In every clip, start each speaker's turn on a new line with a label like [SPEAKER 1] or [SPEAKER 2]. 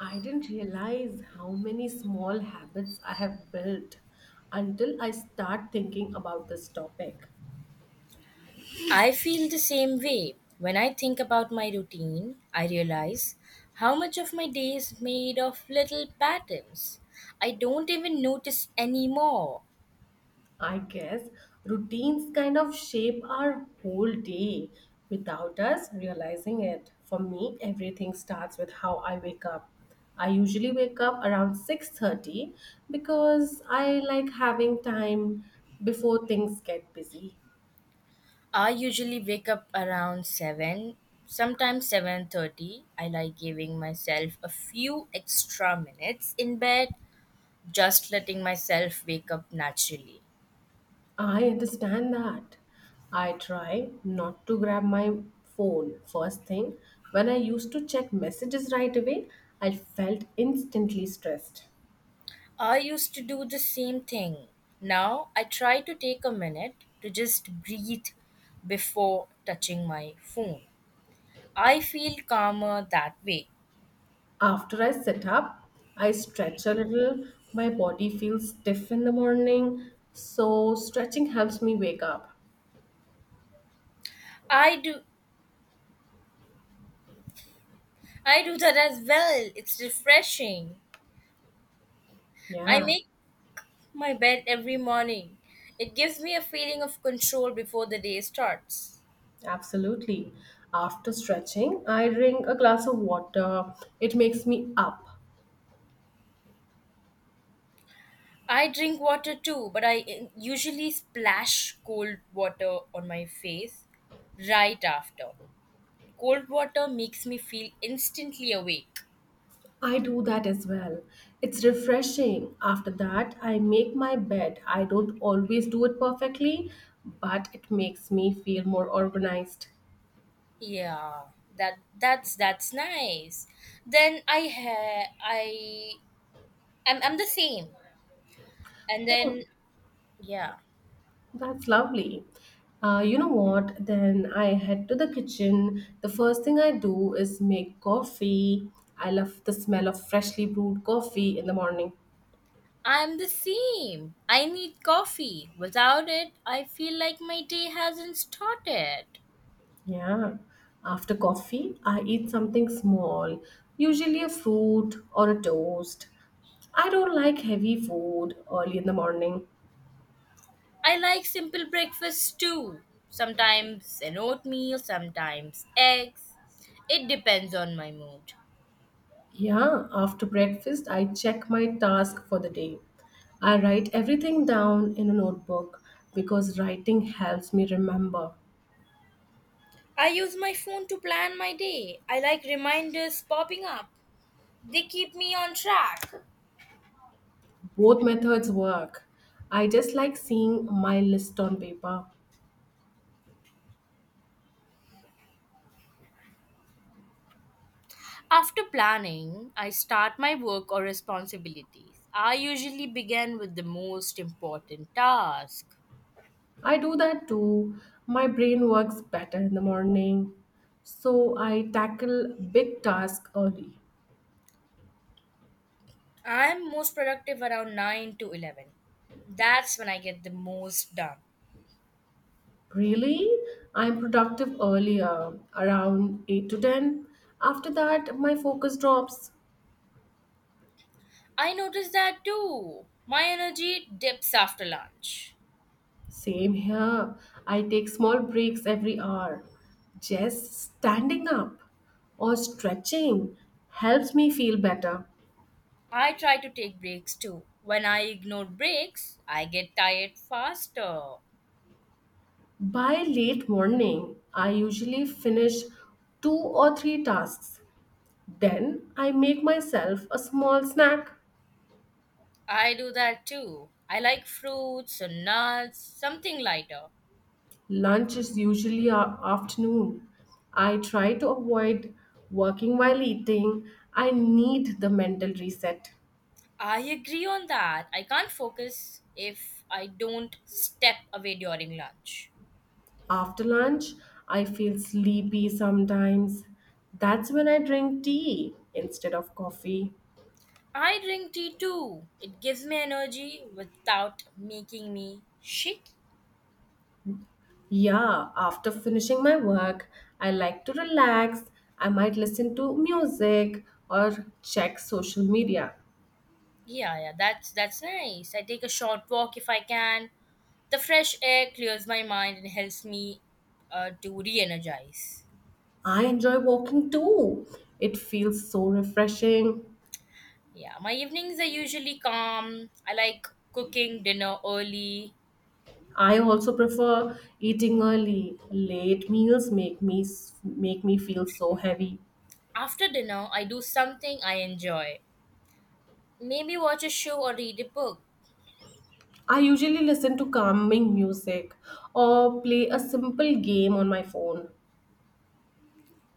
[SPEAKER 1] I didn't realize how many small habits I have built until I start thinking about this topic.
[SPEAKER 2] I feel the same way. When I think about my routine, I realize how much of my day is made of little patterns. I don't even notice anymore.
[SPEAKER 1] I guess routines kind of shape our whole day without us realizing it. For me, everything starts with how I wake up. I usually wake up around 6:30 because I like having time before things get busy.
[SPEAKER 2] I usually wake up around 7, sometimes 7:30. I like giving myself a few extra minutes in bed, just letting myself wake up naturally.
[SPEAKER 1] I understand that. I try not to grab my phone first thing. When I used to check messages right away, I felt instantly stressed.
[SPEAKER 2] I used to do the same thing. Now I try to take a minute to just breathe before touching my phone. I feel calmer that way.
[SPEAKER 1] After I sit up, I stretch a little. My body feels stiff in the morning, so stretching helps me wake up.
[SPEAKER 2] I do I do that as well. It's refreshing. I
[SPEAKER 1] Yeah,
[SPEAKER 2] make my bed every morning. It gives me a feeling of control before the day starts.
[SPEAKER 1] absolutely. After stretching, I drink a glass of water. It makes me up.
[SPEAKER 2] I drink water too, but I usually splash cold water on my face right after. Cold water makes me feel instantly awake.
[SPEAKER 1] I do that as well. It's refreshing. After that, I make my bed. I don't always do it perfectly, but it makes me feel more organized.
[SPEAKER 2] Yeah, that's nice. Then I ha- I I'm the same. And
[SPEAKER 1] Oh,
[SPEAKER 2] then yeah,
[SPEAKER 1] that's lovely. You know what? Then I head to the kitchen. The first thing I do is make coffee. I love the smell of freshly brewed coffee in the morning.
[SPEAKER 2] I'm the same. I need coffee. Without it, I feel like my day hasn't started.
[SPEAKER 1] Yeah. After coffee, I eat something small, usually a fruit or a toast. I don't like heavy food early in the morning.
[SPEAKER 2] I like simple breakfasts too. Sometimes an oatmeal, sometimes eggs. It depends on my mood.
[SPEAKER 1] Yeah, after breakfast, I check my task for the day. I write everything down in a notebook because writing helps me remember.
[SPEAKER 2] I use my phone to plan my day. I like reminders popping up, they keep me on track.
[SPEAKER 1] Both methods work. I just like seeing my list on paper.
[SPEAKER 2] After planning, I start my work or responsibilities. I usually begin with the most important task.
[SPEAKER 1] I do that too. My brain works better in the morning, so I tackle big tasks early.
[SPEAKER 2] I'm most productive around 9 to 11. That's when I get the most done.
[SPEAKER 1] Really, I'm productive earlier, around 8 to 10. After that, my focus drops.
[SPEAKER 2] I notice that too. My energy dips after lunch.
[SPEAKER 1] Same here. I take small breaks every hour. Just standing up or stretching helps me feel better.
[SPEAKER 2] I try to take breaks too. When I ignore breaks, I get tired faster.
[SPEAKER 1] By late morning, I usually finish two or three tasks. Then I make myself a small snack.
[SPEAKER 2] I do that too. I like fruits or nuts, something lighter.
[SPEAKER 1] Lunch is usually afternoon. I try to avoid working while eating. I need the mental reset.
[SPEAKER 2] I agree on that. I can't focus if I don't step away during lunch.
[SPEAKER 1] After lunch, I feel sleepy sometimes. That's when I drink tea instead of coffee.
[SPEAKER 2] I drink tea too. It gives me energy without making me shaky.
[SPEAKER 1] Yeah, after finishing my work, I like to relax. I might listen to music or check social media.
[SPEAKER 2] Yeah, yeah, that's nice. I take a short walk if I can. The fresh air clears my mind and helps me to re-energize.
[SPEAKER 1] I enjoy walking too. It feels so refreshing.
[SPEAKER 2] Yeah, my evenings are usually calm. I like cooking dinner early.
[SPEAKER 1] I also prefer eating early. Late meals make make me feel so heavy.
[SPEAKER 2] After dinner, I do something I enjoy. Maybe watch a show or read a book.
[SPEAKER 1] I usually listen to calming music or play a simple game on my phone.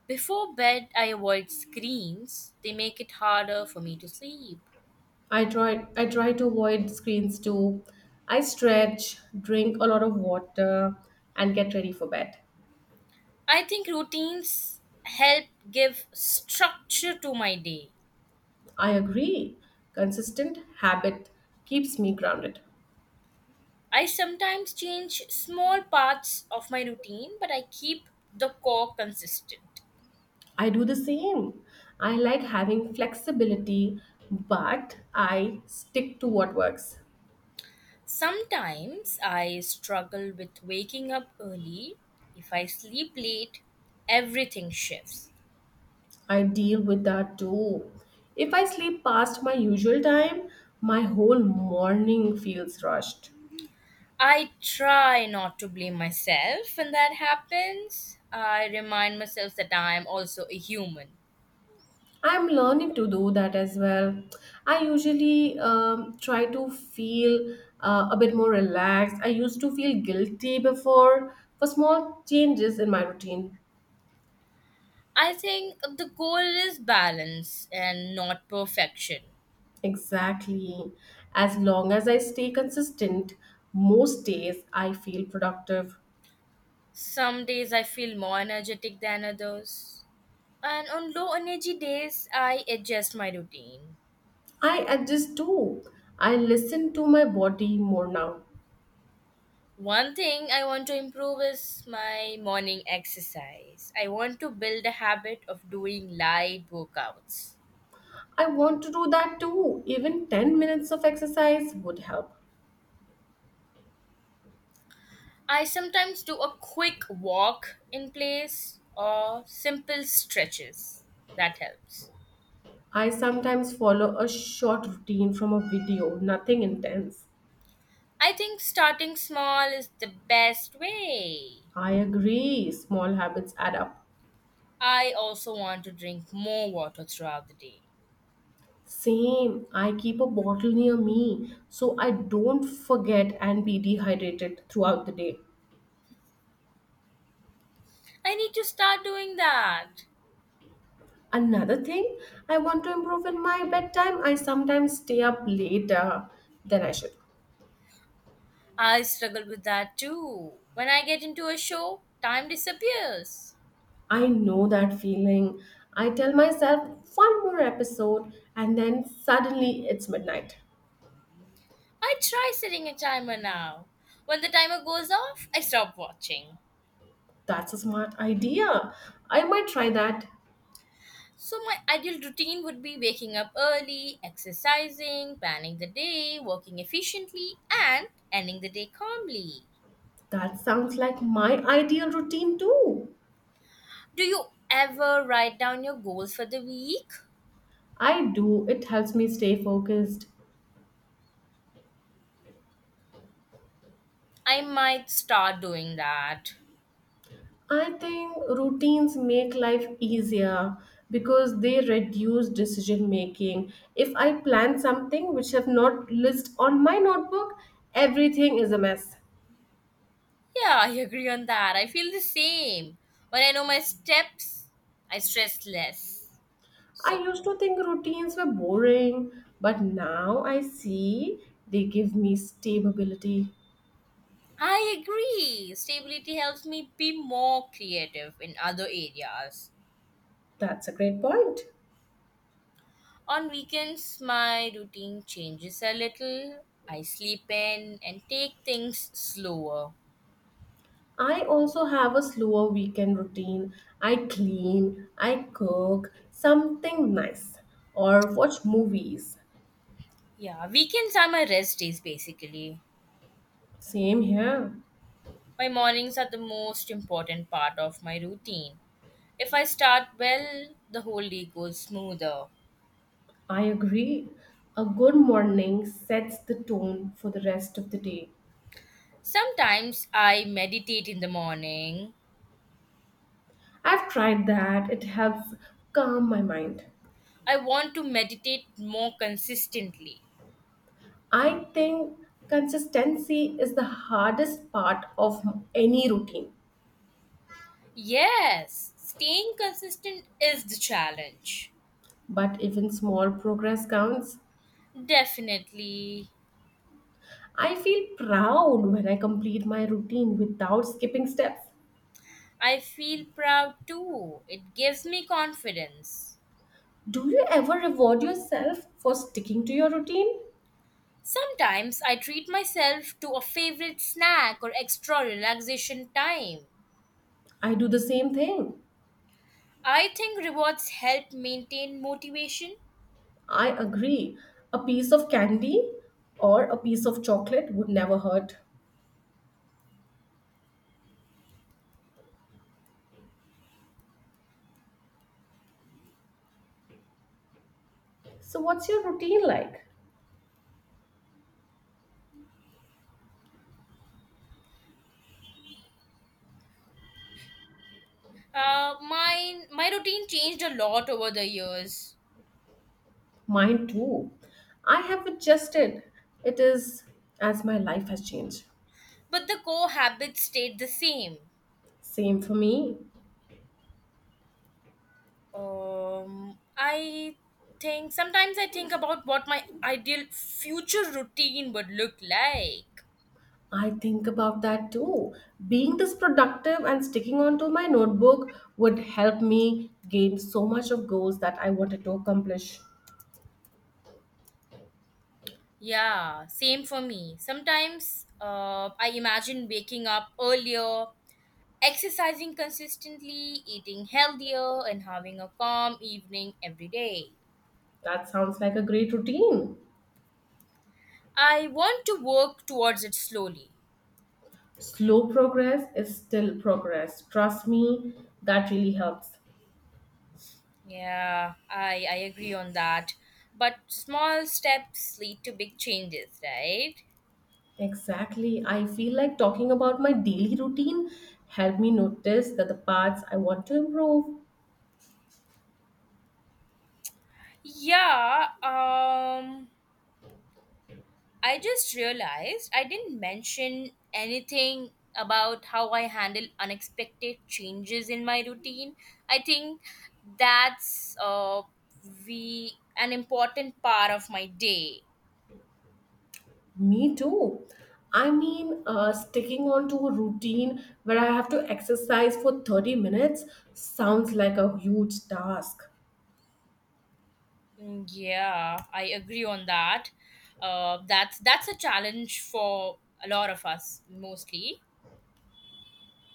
[SPEAKER 2] Before bed, I avoid screens. They make it harder for me to sleep.
[SPEAKER 1] I try to avoid screens too. I stretch, drink a lot of water and get ready for bed.
[SPEAKER 2] I think routines help give structure to my day.
[SPEAKER 1] I agree. Consistent habit keeps me grounded.
[SPEAKER 2] I sometimes change small parts of my routine, but I keep the core consistent.
[SPEAKER 1] I do the same. I like having flexibility, but I stick to what works.
[SPEAKER 2] Sometimes I struggle with waking up early. If I sleep late, everything shifts.
[SPEAKER 1] I deal with that too. If I sleep past my usual time, my whole morning feels rushed.
[SPEAKER 2] I try not to blame myself when that happens. I remind myself that I am also a human.
[SPEAKER 1] I'm learning to do that as well. I usually try to feel a bit more relaxed. I used to feel guilty before for small changes in my routine.
[SPEAKER 2] I think the goal is balance and not perfection.
[SPEAKER 1] Exactly. As long as I stay consistent, most days I feel productive.
[SPEAKER 2] Some days I feel more energetic than others. And on low energy days, I adjust my routine.
[SPEAKER 1] I adjust too. I listen to my body more now.
[SPEAKER 2] One thing I want to improve is my morning exercise. I want to build a habit of doing light workouts.
[SPEAKER 1] I want to do that too. Even 10 minutes of exercise would help.
[SPEAKER 2] I sometimes do a quick walk in place or simple stretches. That helps.
[SPEAKER 1] I sometimes follow a short routine from a video, nothing intense.
[SPEAKER 2] I think starting small is the best way.
[SPEAKER 1] I agree, small habits add up.
[SPEAKER 2] I also want to drink more water throughout the day.
[SPEAKER 1] Same, I keep a bottle near me so I don't forget and be dehydrated throughout the day.
[SPEAKER 2] I need to start doing that.
[SPEAKER 1] Another thing, I want to improve in my bedtime. I sometimes stay up later than I should.
[SPEAKER 2] I struggle with that too. When I get into a show, time disappears.
[SPEAKER 1] I know that feeling. I tell myself one more episode and then suddenly it's midnight.
[SPEAKER 2] I try setting a timer now. When the timer goes off, I stop watching.
[SPEAKER 1] That's a smart idea. I might try that.
[SPEAKER 2] So, my ideal routine would be waking up early, exercising, planning the day, working efficiently, and ending the day calmly.
[SPEAKER 1] That sounds like my ideal routine too.
[SPEAKER 2] Do you ever write down your goals for the week?
[SPEAKER 1] I do. It helps me stay focused.
[SPEAKER 2] I might start doing that.
[SPEAKER 1] I think routines make life easier because they reduce decision making. If I plan something which have not list on my notebook, everything is a mess.
[SPEAKER 2] Yeah, I agree on that. I feel the same. When I know my steps, I stress less.
[SPEAKER 1] I
[SPEAKER 2] So,
[SPEAKER 1] used to think routines were boring, but now I see they give me stability.
[SPEAKER 2] I agree. Stability helps me be more creative in other areas.
[SPEAKER 1] That's a great point.
[SPEAKER 2] On weekends, my routine changes a little. I sleep in and take things slower.
[SPEAKER 1] I also have a slower weekend routine. I clean, I cook something nice, or watch movies.
[SPEAKER 2] Yeah, weekends are my rest days basically.
[SPEAKER 1] Same here.
[SPEAKER 2] My mornings are the most important part of my routine. If I start well, the whole day goes smoother.
[SPEAKER 1] I agree. A good morning sets the tone for the rest of the day.
[SPEAKER 2] Sometimes I meditate in the morning.
[SPEAKER 1] I've tried that, it helps calm my mind.
[SPEAKER 2] I want to meditate more consistently.
[SPEAKER 1] I think consistency is the hardest part of any routine,
[SPEAKER 2] Yes, staying consistent is the challenge.
[SPEAKER 1] but even small progress counts.
[SPEAKER 2] Definitely.
[SPEAKER 1] I feel proud when I complete my routine without skipping steps.
[SPEAKER 2] I feel proud too. It gives me confidence.
[SPEAKER 1] Do you ever reward yourself for sticking to your routine?
[SPEAKER 2] Sometimes I treat myself to a favorite snack or extra relaxation time.
[SPEAKER 1] I do the same thing.
[SPEAKER 2] I think rewards help maintain motivation.
[SPEAKER 1] I agree. A piece of candy or a piece of chocolate would never hurt. So, what's your routine like?
[SPEAKER 2] My routine changed a lot over the years,
[SPEAKER 1] Mine too. I have adjusted. It is as my life has changed.
[SPEAKER 2] but the core habits stayed the same.
[SPEAKER 1] Same for me.
[SPEAKER 2] I think sometimes I think about what my ideal future routine would look like.
[SPEAKER 1] I think about that too. Being this productive and sticking onto my notebook would help me gain so much of goals that I wanted to accomplish.
[SPEAKER 2] Yeah, same for me. Sometimes I imagine waking up earlier, exercising consistently, eating healthier, and having a calm evening every day.
[SPEAKER 1] That sounds like a great routine.
[SPEAKER 2] I want to work towards it slowly.
[SPEAKER 1] Slow progress is still progress. Trust me, that really helps.
[SPEAKER 2] Yeah, I agree on that. But small steps lead to big changes, right?
[SPEAKER 1] Exactly. I feel like talking about my daily routine helped me notice that the parts I want to improve.
[SPEAKER 2] Yeah, um, I just realized I didn't mention anything about how I handle unexpected changes in my routine. I think that's we an important part of my day.
[SPEAKER 1] Me too. I mean, sticking on to a routine where I have to exercise for 30 minutes sounds like a huge task.
[SPEAKER 2] Yeah, I agree on that. That's a challenge for a lot of us mostly.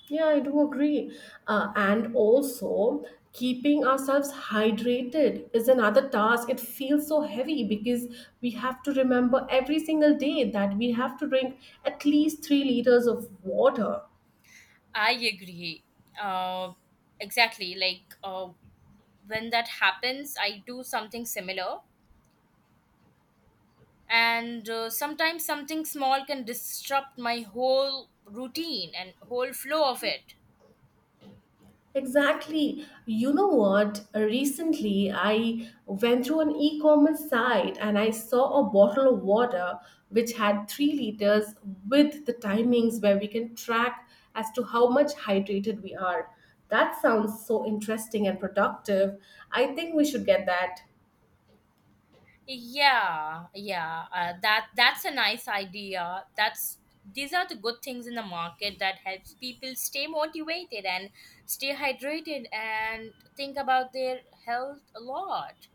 [SPEAKER 1] Yeah, I do agree. And also, keeping ourselves hydrated is another task. It feels so heavy because we have to remember every single day that we have to drink at least 3 liters of water.
[SPEAKER 2] I agree. Uh, exactly. Like when that happens, I do something similar and sometimes something small can disrupt my whole routine and whole flow of it.
[SPEAKER 1] Exactly. You know what? Recently, I went through an e commerce site and I saw a bottle of water which had 3 liters with the timings where we can track as to how much hydrated we are. That sounds so interesting and productive. I think we should get that.
[SPEAKER 2] Yeah that's a nice idea. That's these are the good things in the market that helps people stay motivated and stay hydrated and think about their health a lot.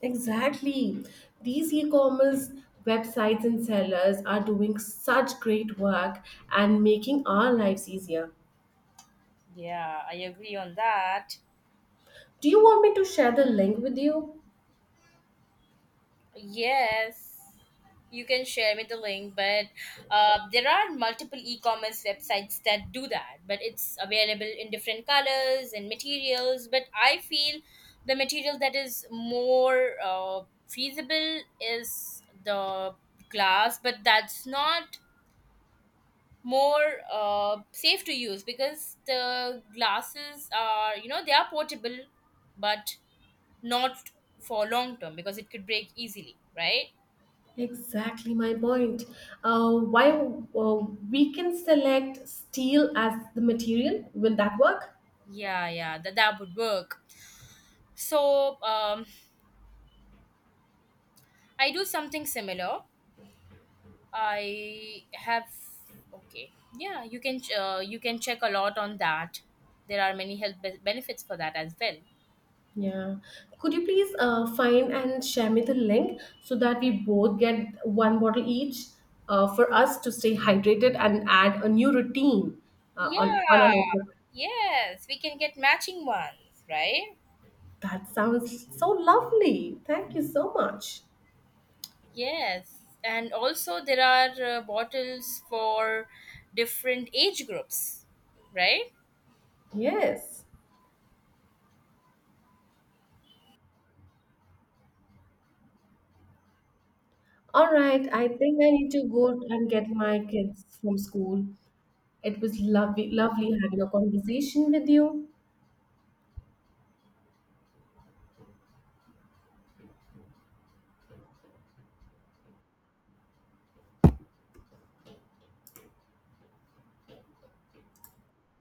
[SPEAKER 1] Exactly. These e commerce websites and sellers are doing such great work and making our lives easier.
[SPEAKER 2] Yeah, I agree on that.
[SPEAKER 1] Do you want me to share the link with you?
[SPEAKER 2] Yes, you can share me the link, but there are multiple e-commerce websites that do that, but it's available in different colors and materials. But I feel the material that is more feasible is the glass, but that's not more safe to use because the glasses are, you know, they are portable, but not for long term because it could break easily, right?
[SPEAKER 1] Exactly my point. Why we can select steel as the material? Will that work?
[SPEAKER 2] Yeah, yeah, that that would work. So, um, I do something similar. I have okay. Yeah, you can check a lot on that. There are many health benefits for that as well.
[SPEAKER 1] Yeah. Could you please find and share me the link so that we both get one bottle each for us to stay hydrated and add a new routine
[SPEAKER 2] Yeah.
[SPEAKER 1] on our notebook?
[SPEAKER 2] Yes, we can get matching ones, right?
[SPEAKER 1] That sounds so lovely. Thank you so much.
[SPEAKER 2] Yes. And also there are bottles for different age groups, right?
[SPEAKER 1] Yes. All right. I think I need to go and get my kids from school. It was lovely, lovely having a conversation with you.